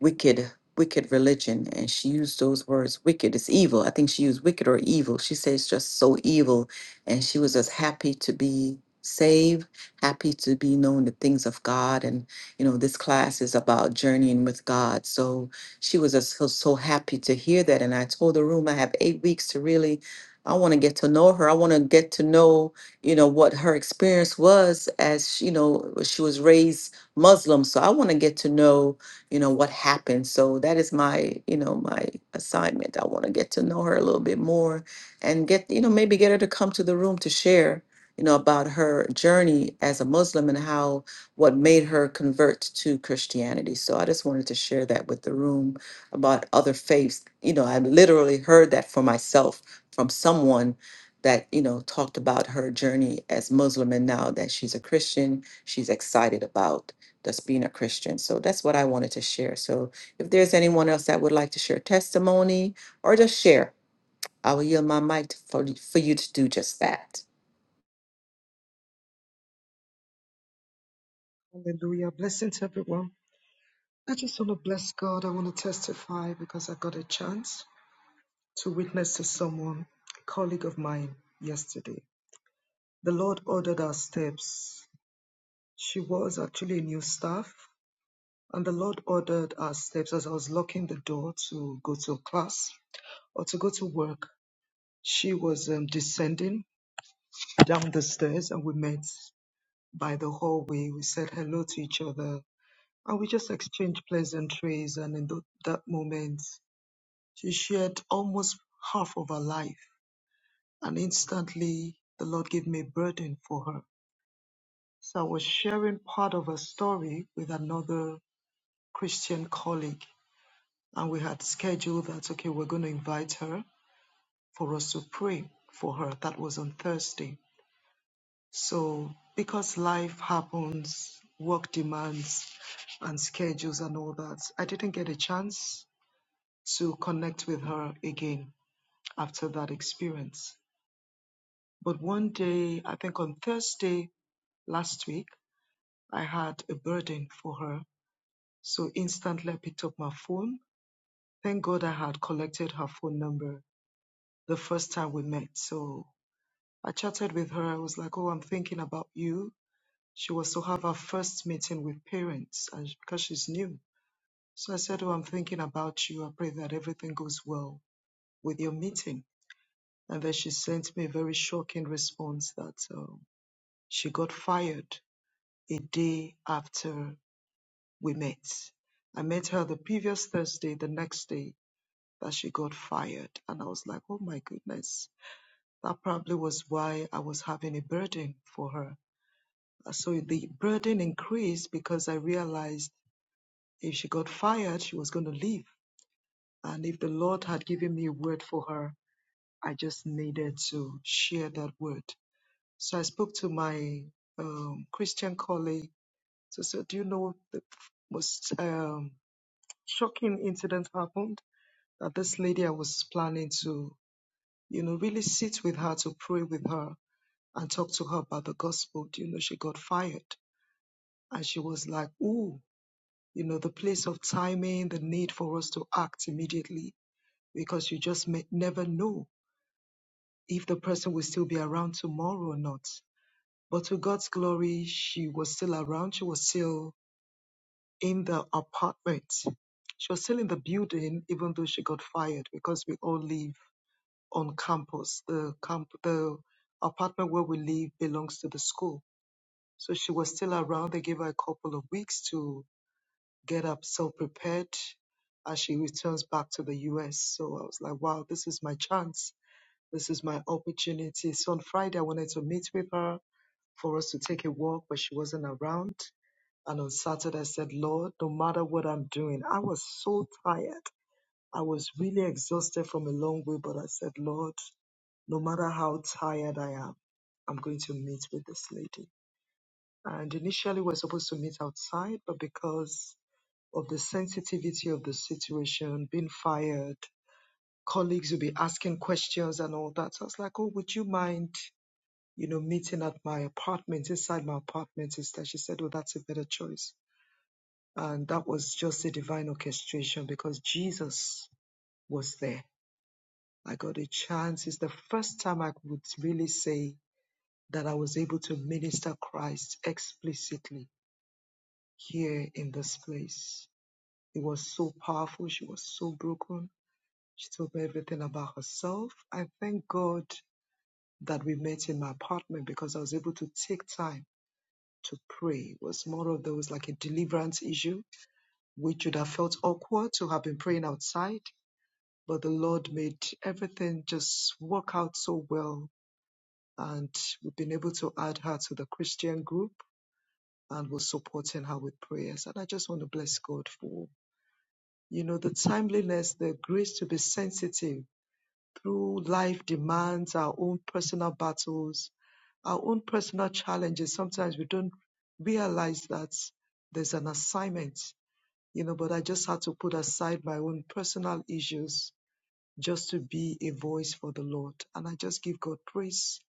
[SPEAKER 1] wicked, wicked religion. And she used those words, wicked is evil. I think she used wicked or evil. She says it's just so evil. And she was just happy to be saved, happy to be known the things of God. And, you know, this class is about journeying with God. So she was just so, so happy to hear that. And I told the room I have eight weeks to really. I want to get to know her. I want to get to know, you know, what her experience was as, she- you know, she was raised Muslim. So I want to get to know you know what happened so that is my you know my assignment i want to get to know her a little bit more and get you know maybe get her to come to the room to share you know about her journey as a muslim and how what made her convert to christianity so i just wanted to share that with the room about other faiths you know i literally heard that for myself from someone that you know talked about her journey as muslim and now that she's a christian she's excited about that's being a Christian. So that's what I wanted to share. So if there's anyone else that would like to share testimony or just share, I will yield my mic to- for, for you to do just that.
[SPEAKER 5] Hallelujah. Blessings, everyone. I just want to bless God. I want to testify because I got a chance to witness to someone, a colleague of mine, yesterday. The Lord ordered our steps. She was actually a new staff, and the Lord ordered our steps as I was locking the door to go to class or to go to work. She was um, descending down the stairs, and we met by the hallway. We said hello to each other and we just exchanged pleasantries. And in tho- that moment, she shared almost half of her life. And instantly, the Lord gave me a burden for her. So I was sharing part of her story with another Christian colleague. And we had scheduled that, okay, we're going to invite her for us to pray for her. That was on Thursday. So because life happens, work demands, and schedules and all that, I didn't get a chance to connect with her again after that experience. But one day, I think on Thursday last week, I had a burden for her. So instantly I picked up my phone. Thank God I had collected her phone number the first time we met. So I chatted with her. I was like, Oh, I'm thinking about you. She was to have her first meeting with parents and sh- because she's new. So I said, Oh, I'm thinking about you. I pray that everything goes well with your meeting. And then she sent me a very shocking response that um, she got fired a day after we met. I met her the previous Thursday, the next day that she got fired. And I was like, oh my goodness. That probably was why I was having a burden for her. Uh, So the burden increased because I realized if she got fired, she was going to leave. And if the Lord had given me a word for her, I just needed to share that word So I spoke to my um, Christian colleague. So, so do you know the most um, shocking incident happened? That this lady I was planning to, you know, really sit with her to pray with her and talk to her about the gospel. Do you know she got fired? And she was like, ooh, you know, the place of timing, the need for us to act immediately because you just may, never know if the person will still be around tomorrow or not. But to God's glory, she was still around. She was still in the apartment. She was still in the building, even though she got fired because we all live on campus. The camp, the apartment where we live belongs to the school. So she was still around. They gave her a couple of weeks to get herself prepared as she returns back to the US. So I was like, wow, this is my chance. This is my opportunity. So on Friday, I wanted to meet with her for us to take a walk, but she wasn't around. And on Saturday, I said, Lord, no matter what I'm doing, I was so tired. I was really exhausted from a long way, but I said, Lord, no matter how tired I am, I'm going to meet with this lady. And initially, we're supposed to meet outside, but because of the sensitivity of the situation, being fired, colleagues will be asking questions and all that. So I was like, oh, would you mind, you know, meeting at my apartment, inside my apartment instead? She said, oh, that's a better choice. And that was just a divine orchestration because Jesus was there. I got a chance. It's the first time I would really say that I was able to minister Christ explicitly here in this place. It was so powerful. She was so broken. She told me everything about herself. I thank God that we met in my apartment because I was able to take time to pray. It was more of there was like a deliverance issue, which would have felt awkward to have been praying outside but the Lord made everything just work out so well. And we've been able to add her to the Christian group and we're supporting her with prayers. And I just want to bless God for, you know, the timeliness, the grace to be sensitive through life demands, our own personal battles, our own personal challenges. Sometimes we don't realize that there's an assignment, you know, but I just had to put aside my own personal issues just to be a voice for the Lord. And I just give God praise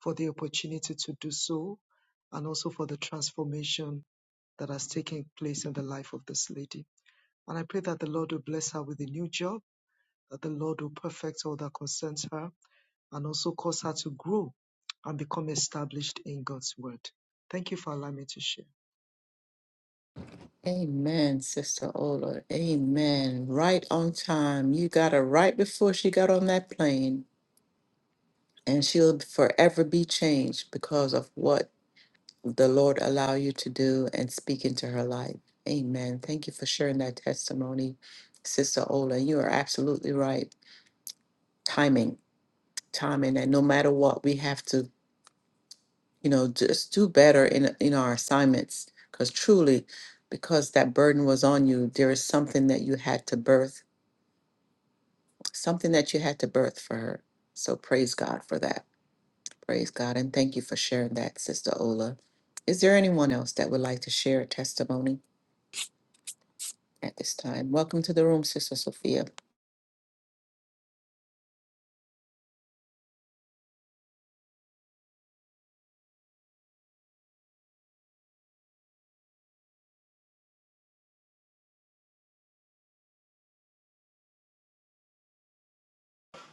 [SPEAKER 5] for the opportunity to do so and also for the transformation that has taken place in the life of this lady. And I pray that the Lord will bless her with a new job, that the Lord will perfect all that concerns her and also cause her to grow and become established in God's word. Thank you for allowing me to share.
[SPEAKER 1] Amen, Sister Ola. Amen. Right on time. You got her right before she got on that plane, and she'll forever be changed because of what the Lord allow you to do and speak into her life. Amen. Thank you for sharing that testimony, Sister Ola. You are absolutely right. Timing. Time and that no matter what, we have to, you know, just do better in in our assignments. Because truly, because that burden was on you, there is something that you had to birth, something that you had to birth for her. So praise God for that. Praise God, and thank you for sharing that, Sister Ola. Is there anyone else that would like to share a testimony at this time? Welcome to the room, Sister Sophia.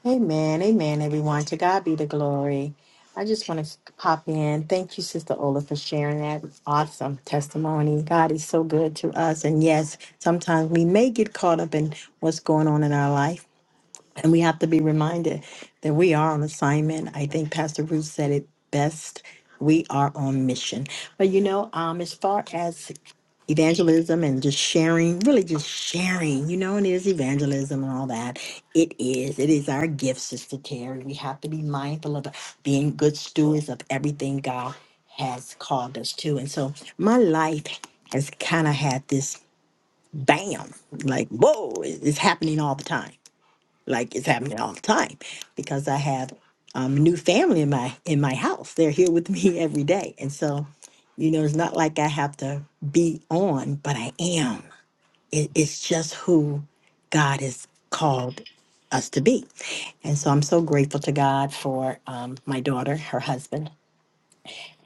[SPEAKER 3] Amen, amen, everyone. To God be the glory. I just want to pop in. Thank you, Sister Ola, for sharing that awesome testimony. God is so good to us. And yes, sometimes we may get caught up in what's going on in our life And we have to be reminded that we are on assignment. I think Pastor Ruth said it best. We are on mission. But you know, um, as far as evangelism and just sharing, really just sharing, you know, and it is evangelism and all that. It is. It is our gift, Sister Terry. We have to be mindful of being good stewards of everything God has called us to. And so my life has kind of had this bam, like, whoa, it- it's happening all the time like it's happening all the time because I have um, new family in my in my house. They're here with me every day, and so you know it's not like I have to be on, but I am. It, it's just who God has called us to be, and so I'm so grateful to God for um, my daughter, her husband,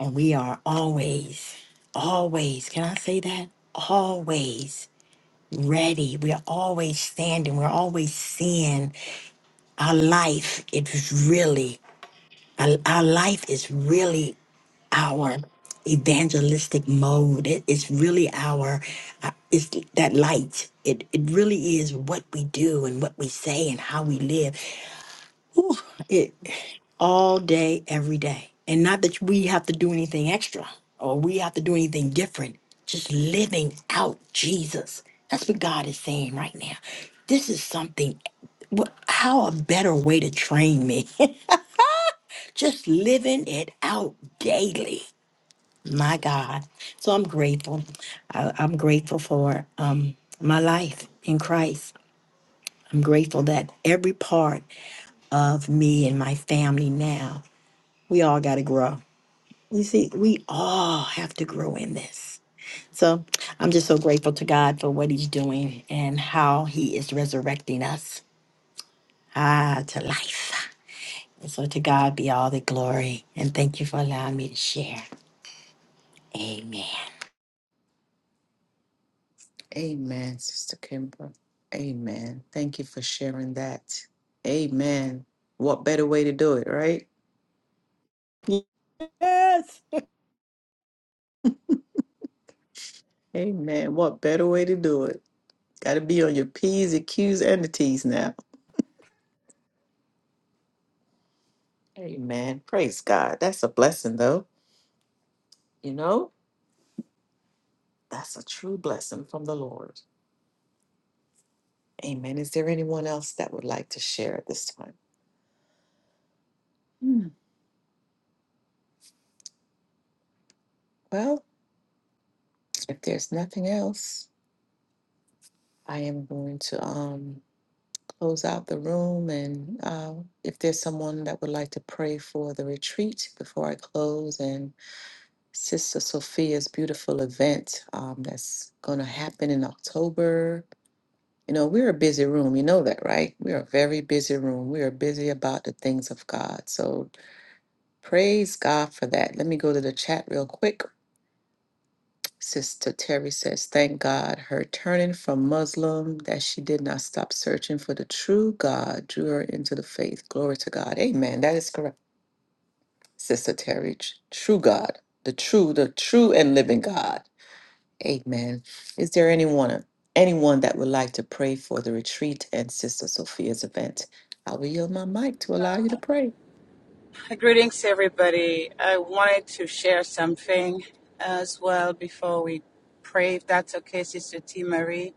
[SPEAKER 3] and we are always, always. Can I say that? Always ready. We are always standing. We're always seeing our life it's really our, our life is really our evangelistic mode It- it's really our uh, it's that light it, it really is what we do and what we say and how we live it all day every day and not that we have to do anything extra or we have to do anything different just living out jesus that's what god is saying right now this is something what, how a better way to train me just living it out daily. My God. So I'm grateful. I, I'm grateful for um, my life in Christ. I'm grateful that every part of me and my family now, we all got to grow. You see, we all have to grow in this. So I'm just so grateful to God for what He's doing and how He is resurrecting us ah, to life. And so to God be all the glory. And thank you for allowing me to share. Amen.
[SPEAKER 1] Amen, Sister Kimber. Amen. Thank you for sharing that. Amen. What better way to do it, right?
[SPEAKER 3] Yes.
[SPEAKER 1] Amen. What better way to do it? Got to be on your P's and Q's and the T's now. Amen. Praise God. That's a blessing, though. You know, that's a true blessing from the Lord. Amen. Is there anyone else that would like to share at this time? Hmm. Well, if there's nothing else, I am going to um, close out the room. And uh, if there's someone that would like to pray for the retreat before I close, and. Sister Sophia's beautiful event um, that's going to happen in October. You know, we're a busy room. You know that, right? We're a very busy room. We are busy about the things of God. So praise God for that. Let me go to the chat real quick. Sister Terry says, Thank God her turning from Muslim, that she did not stop searching for the true God, drew her into the faith. Glory to God. Amen. That is correct. Sister Terry, tr- true God, the true, the true and living God. Amen. Is there anyone anyone that would like to pray for the retreat and Sister Sophia's event? I will yield my mic to allow you to pray.
[SPEAKER 6] Greetings, everybody. I wanted to share something as well before we pray, if that's okay, Sister T. Marie.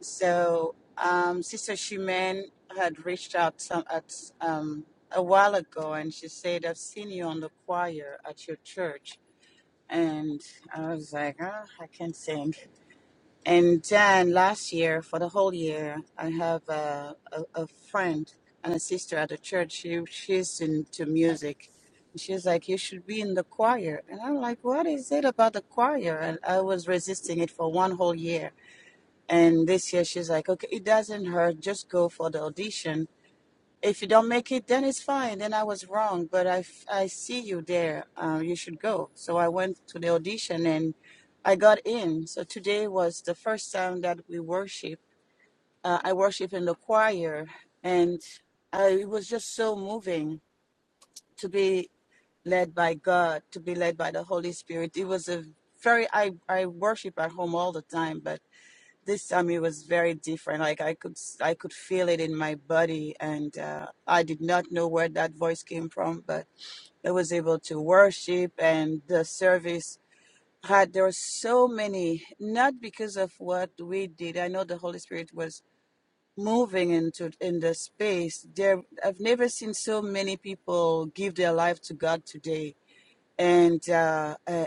[SPEAKER 6] So, um, Sister Shimen had reached out some at um, a while ago, and she said, "I've seen you on the choir at your church," and I was like, oh, "I can't sing." And then last year, for the whole year, I have a, a, a friend and a sister at the church. She, she's into music. She's like, You should be in the choir. And I'm like, What is it about the choir? And I was resisting it for one whole year. And this year, she's like, Okay, it doesn't hurt. Just go for the audition if you don't make it, then it's fine. Then I was wrong, but I, f- I see you there. Uh, you should go. So I went to the audition and I got in. So today was the first time that we worship. Uh, I worship in the choir, and I, it was just so moving to be led by God, to be led by the Holy Spirit. It was a very I I worship at home all the time, but this time it was very different like i could I could feel it in my body and uh, i did not know where that voice came from but i was able to worship and the service had there were so many not because of what we did i know the holy spirit was moving into in the space there i've never seen so many people give their life to god today and uh, uh,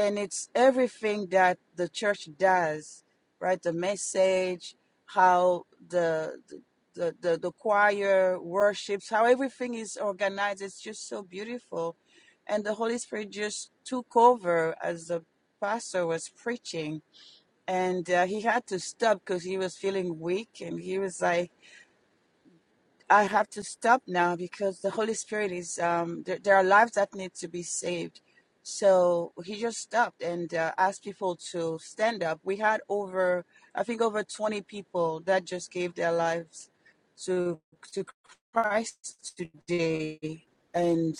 [SPEAKER 6] and it's everything that the church does, right? The message, how the the the, the choir worships, how everything is organized. It's just so beautiful, and the Holy Spirit just took over as the pastor was preaching, and uh, he had to stop because he was feeling weak, and he was like I have to stop now because the Holy Spirit is um there, there are lives that need to be saved. So he just stopped and uh, asked people to stand up. We had over I think over 20 people that just gave their lives to to Christ today and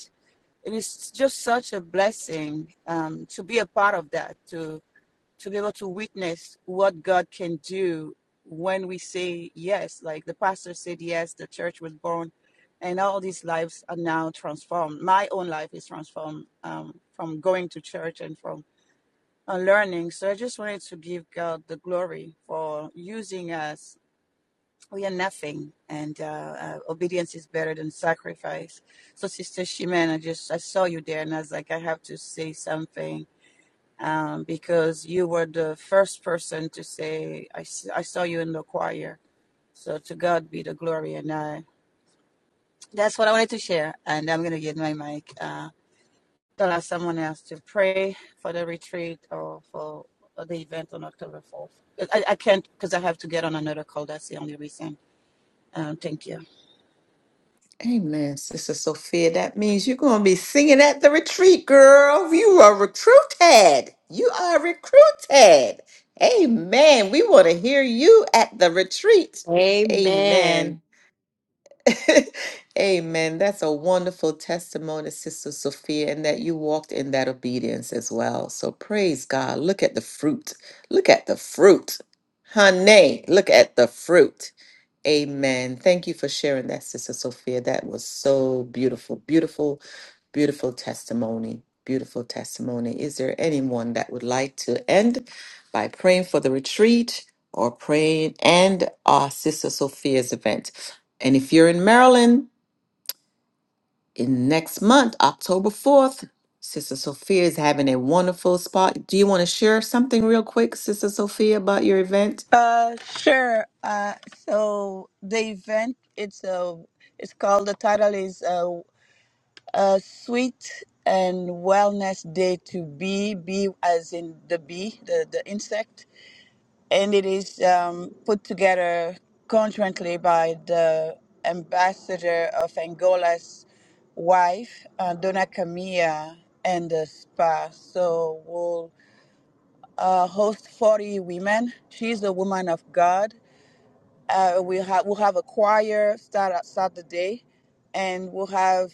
[SPEAKER 6] it is just such a blessing um to be a part of that To to be able to witness what God can do when we say yes. Like the pastor said, yes, the church was born, and all these lives are now transformed. My own life is transformed um, from going to church and from uh, learning. So I just wanted to give God the glory for using us. We are nothing, and uh, uh, obedience is better than sacrifice. So, Sister Shimen, I just I saw you there, and I was like, I have to say something um, because you were the first person to say, I I saw you in the choir. So to God be the glory. And I, that's what I wanted to share. And I'm going to get my mic. Uh, to allow someone else to pray for the retreat or for the event on October 4th. I, I can't because I have to get on another call. That's the only reason. Um, thank you.
[SPEAKER 1] Amen, Sister Sophia. That means you're going to be singing at the retreat, girl. You are recruited. You are recruited. Amen. We want to hear you at the retreat. Amen.
[SPEAKER 3] Amen.
[SPEAKER 1] Amen. That's a wonderful testimony, Sister Sophia, and that you walked in that obedience as well. So praise God. Look at the fruit. Look at the fruit. Honey, look at the fruit. Amen. Thank you for sharing that, Sister Sophia. That was so beautiful, beautiful, beautiful testimony. Beautiful testimony. Is there anyone that would like to end by praying for the retreat or praying and our Sister Sophia's event? And if you're in Maryland in next month, October 4th, Sister Sophia is having a wonderful spot. Do you want to share something real quick, Sister Sophia, about your event?
[SPEAKER 6] Uh, sure. Uh, so the event it's a it's called the title is uh, A sweet and wellness day to bee, bee as in the bee, the, the insect. And it is um, put together conjointly by the ambassador of Angola's wife, uh, Dona Camilla, and the spa. So we'll uh, host 40 women. She's a woman of God. Uh, we ha- we'll have a choir start, start the day and we'll have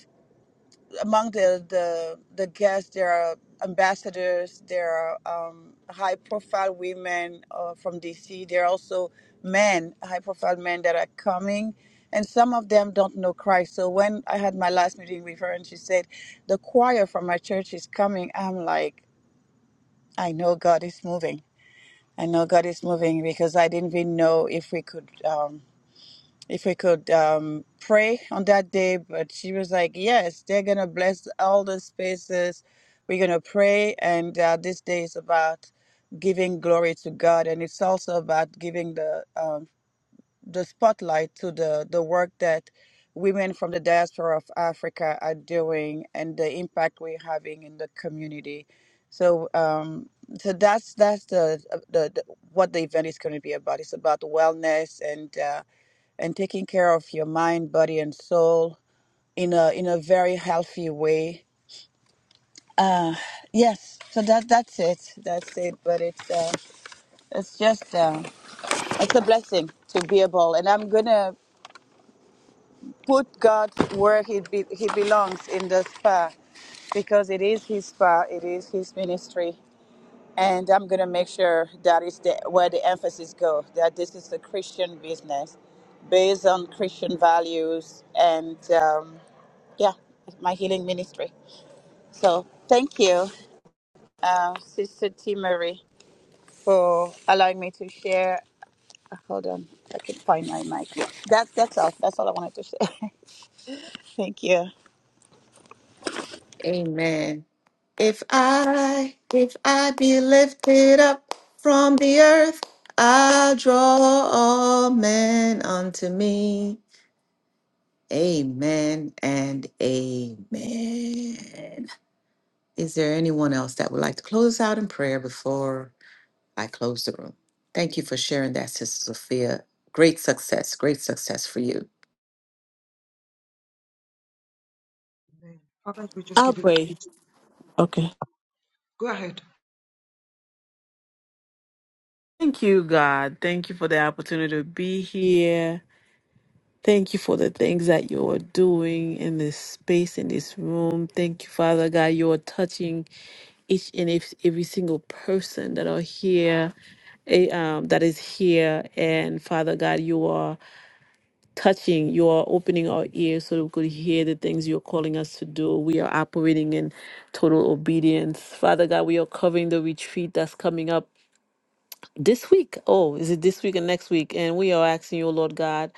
[SPEAKER 6] among the the the guests there are ambassadors there are um, high profile women uh, from dc there are also men high profile men that are coming and some of them don't know christ so when i had my last meeting with her and she said the choir from my church is coming i'm like i know god is moving i know god is moving because i didn't even know if we could Um, if we could um, pray on that day. But she was like, Yes, they're going to bless all the spaces. We're going to pray. And uh, this day is about giving glory to God. And it's also about giving the um, the spotlight to the, the work that women from the diaspora of Africa are doing and the impact we're having in the community. So, um, so that's that's the, the, the what the event is going to be about. It's about wellness and uh, and taking care of your mind, body, and soul in a in a very healthy way. Uh, yes, so that that's it. That's it. But it's uh, it's just uh, it's a blessing to be able, and I'm gonna put God where he, be, he belongs in the spa because it is his spa, it is his ministry. And I'm going to make sure that is the, where the emphasis goes that this is a Christian business based on Christian values and, um, yeah, my healing ministry. So thank you, uh, Sister T. Marie, for allowing me to share. Hold on, I can find my mic. That, that's all. That's all I wanted to say. thank you.
[SPEAKER 1] Amen. If I, if I be lifted up from the earth, I'll draw all men unto me. Amen and amen. Is there anyone else that would like to close out in prayer before I close the room? Thank you for sharing that, Sister Sophia. Great success, great success for you.
[SPEAKER 5] Amen. Father, we just
[SPEAKER 2] I'll
[SPEAKER 5] give you
[SPEAKER 2] pray.
[SPEAKER 5] praise.
[SPEAKER 2] Okay.
[SPEAKER 5] Go ahead.
[SPEAKER 2] Thank you, God. Thank you for the opportunity to be here. Thank you for the things that you are doing in this space, in this room. Thank you, Father God. You are touching each and ev- every single person that are here, eh, um, that is here. And Father God, you are touching, you are opening our ears so that we could hear the things you're calling us to do. We are operating in total obedience. Father God, we are covering the retreat that's coming up this week. Oh, is it this week and next week? And we are asking you, Lord God,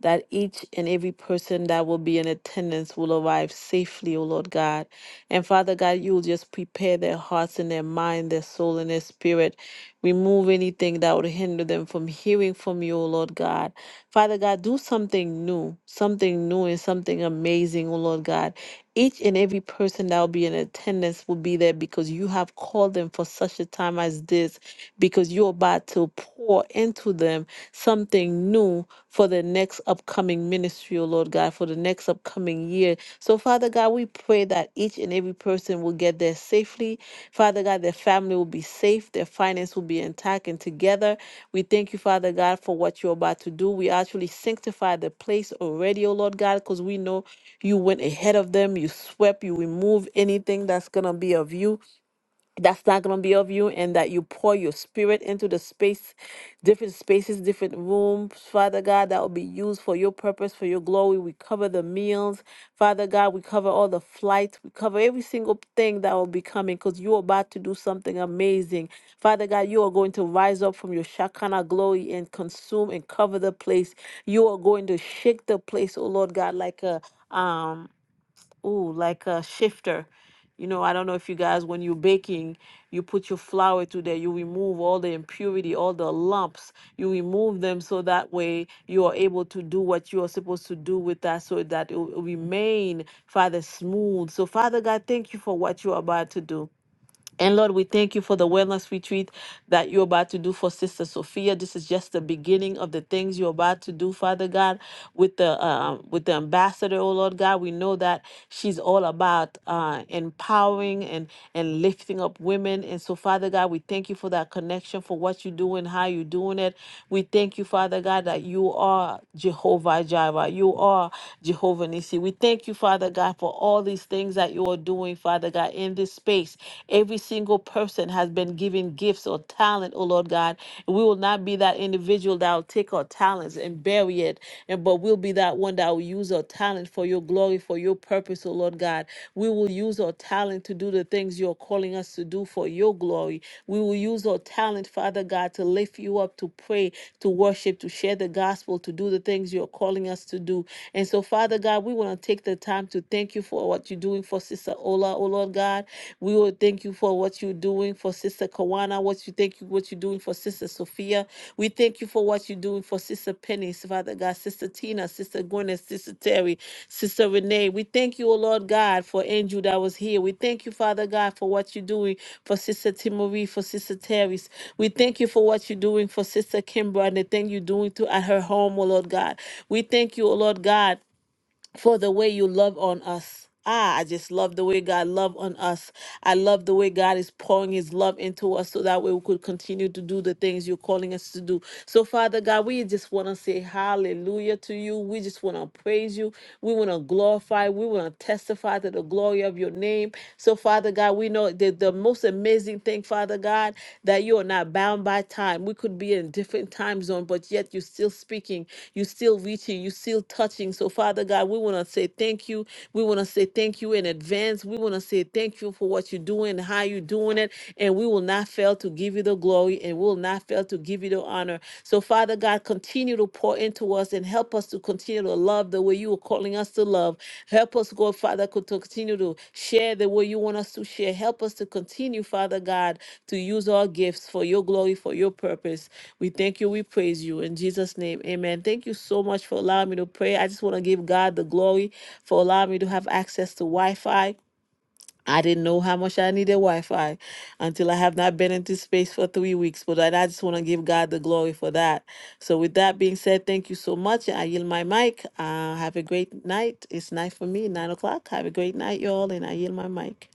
[SPEAKER 2] that each and every person that will be in attendance will arrive safely, O Lord God. And Father God, you will just prepare their hearts and their mind, their soul and their spirit. Remove anything that would hinder them from hearing from you, O Lord God. Father God, do something new, something new and something amazing, O Lord God. Each and every person that will be in attendance will be there because you have called them for such a time as this because you're about to pour into them something new for the next upcoming ministry, oh Lord God, for the next upcoming year. So, Father God, we pray that each and every person will get there safely. Father God, their family will be safe, their finance will be intact and together. We thank you, Father God, for what you're about to do. We actually sanctify the place already, oh Lord God, because we know you went ahead of them, you swept, you removed anything that's going to be of you that's not going to be of you and that you pour your spirit into the space different spaces different rooms father god that will be used for your purpose for your glory we cover the meals father god we cover all the flights we cover every single thing that will be coming because you're about to do something amazing father god you are going to rise up from your shakana glory and consume and cover the place you are going to shake the place oh lord god like a um Ooh, like a shifter. You know, I don't know if you guys, when you're baking, you put your flour to there, you remove all the impurity, all the lumps, you remove them so that way you are able to do what you are supposed to do with that so that it will remain, Father, smooth. So, Father God, thank you for what you are about to do. And Lord, we thank you for the wellness retreat that you're about to do for Sister Sophia. This is just the beginning of the things you're about to do, Father God, with the um, with the ambassador. Oh Lord God, we know that she's all about uh, empowering and and lifting up women. And so, Father God, we thank you for that connection, for what you're doing, how you're doing it. We thank you, Father God, that you are Jehovah Jireh, you are Jehovah Nissi. We thank you, Father God, for all these things that you are doing. Father God, in this space. Every single person has been given gifts or talent, oh Lord God. We will not be that individual that will take our talents and bury it, and but we'll be that one that will use our talent for your glory, for your purpose, oh Lord God. We will use our talent to do the things you're calling us to do for your glory. We will use our talent, Father God, to lift you up, to pray, to worship, to share the gospel, to do the things you're calling us to do. And so, Father God, we want to take the time to thank you for what you're doing for Sister Ola, oh Lord God. We will thank you for what you're doing for Sister Kawana, what you thank you, what you're doing for Sister Sophia. We thank you for what you're doing for Sister Penny, Father God, Sister Tina, Sister Gwyneth, Sister Terry, Sister Renee. We thank you, O Lord God, for Andrew that was here. We thank you, Father God, for what you're doing for Sister Timory, for Sister Terry. We thank you for what you're doing for Sister Kimbra and the thing you're doing to at her home, O Lord God. We thank you, O Lord God for the way you love on us. Ah, I just love the way God love on us. I love the way God is pouring his love into us so that way we could continue to do the things you're calling us to do. So, Father God, we just want to say hallelujah to you. We just want to praise you. We want to glorify. We want to testify to the glory of your name. So, Father God, we know that the most amazing thing, Father God, that you are not bound by time. We could be in different time zones, but yet you're still speaking, you're still reaching, you're still touching. So, Father God, we want to say thank you. We want to say thank you in advance. We want to say thank you for what you're doing, and how you're doing it, and we will not fail to give you the glory and we will not fail to give you the honor. So, Father God, continue to pour into us and help us to continue to love the way you are calling us to love. Help us, God, Father, co- to continue to share the way you want us to share. Help us to continue, Father God, to use our gifts for your glory, for your purpose. We thank you. We praise you. In Jesus' name, amen. Thank you so much for allowing me to pray. I just want to give God the glory for allowing me to have access to Wi Fi. I didn't know how much I needed Wi Fi until I have not been into space for three weeks, but I I just want to give God the glory for that. So, with that being said, thank you so much. I yield my mic. Uh, have a great night. It's night for me, nine o'clock. Have a great night, y'all, and I yield my mic.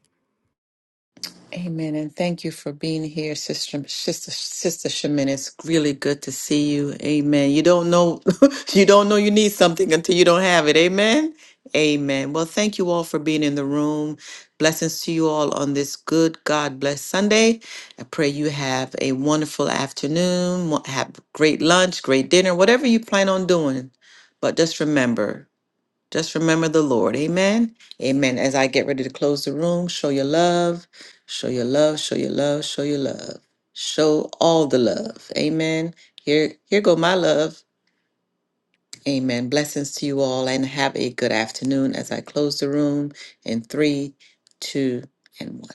[SPEAKER 1] Amen. And thank you for being here, Sister Sister Sister Shemin. It's really good to see you. Amen. You don't know you don't know you need something until you don't have it. Amen. Amen. Well, thank you all for being in the room. Blessings to you all on this good God bless Sunday. I pray you have a wonderful afternoon, wa- have great lunch, great dinner, whatever you plan on doing. But just remember, just remember the Lord. Amen. Amen. As I get ready to close the room, show your love, show your love, show your love, show your love. Show all the love. Amen. Here, here go my love. Amen. Blessings to you all and have a good afternoon as I close the room in three, two, and one.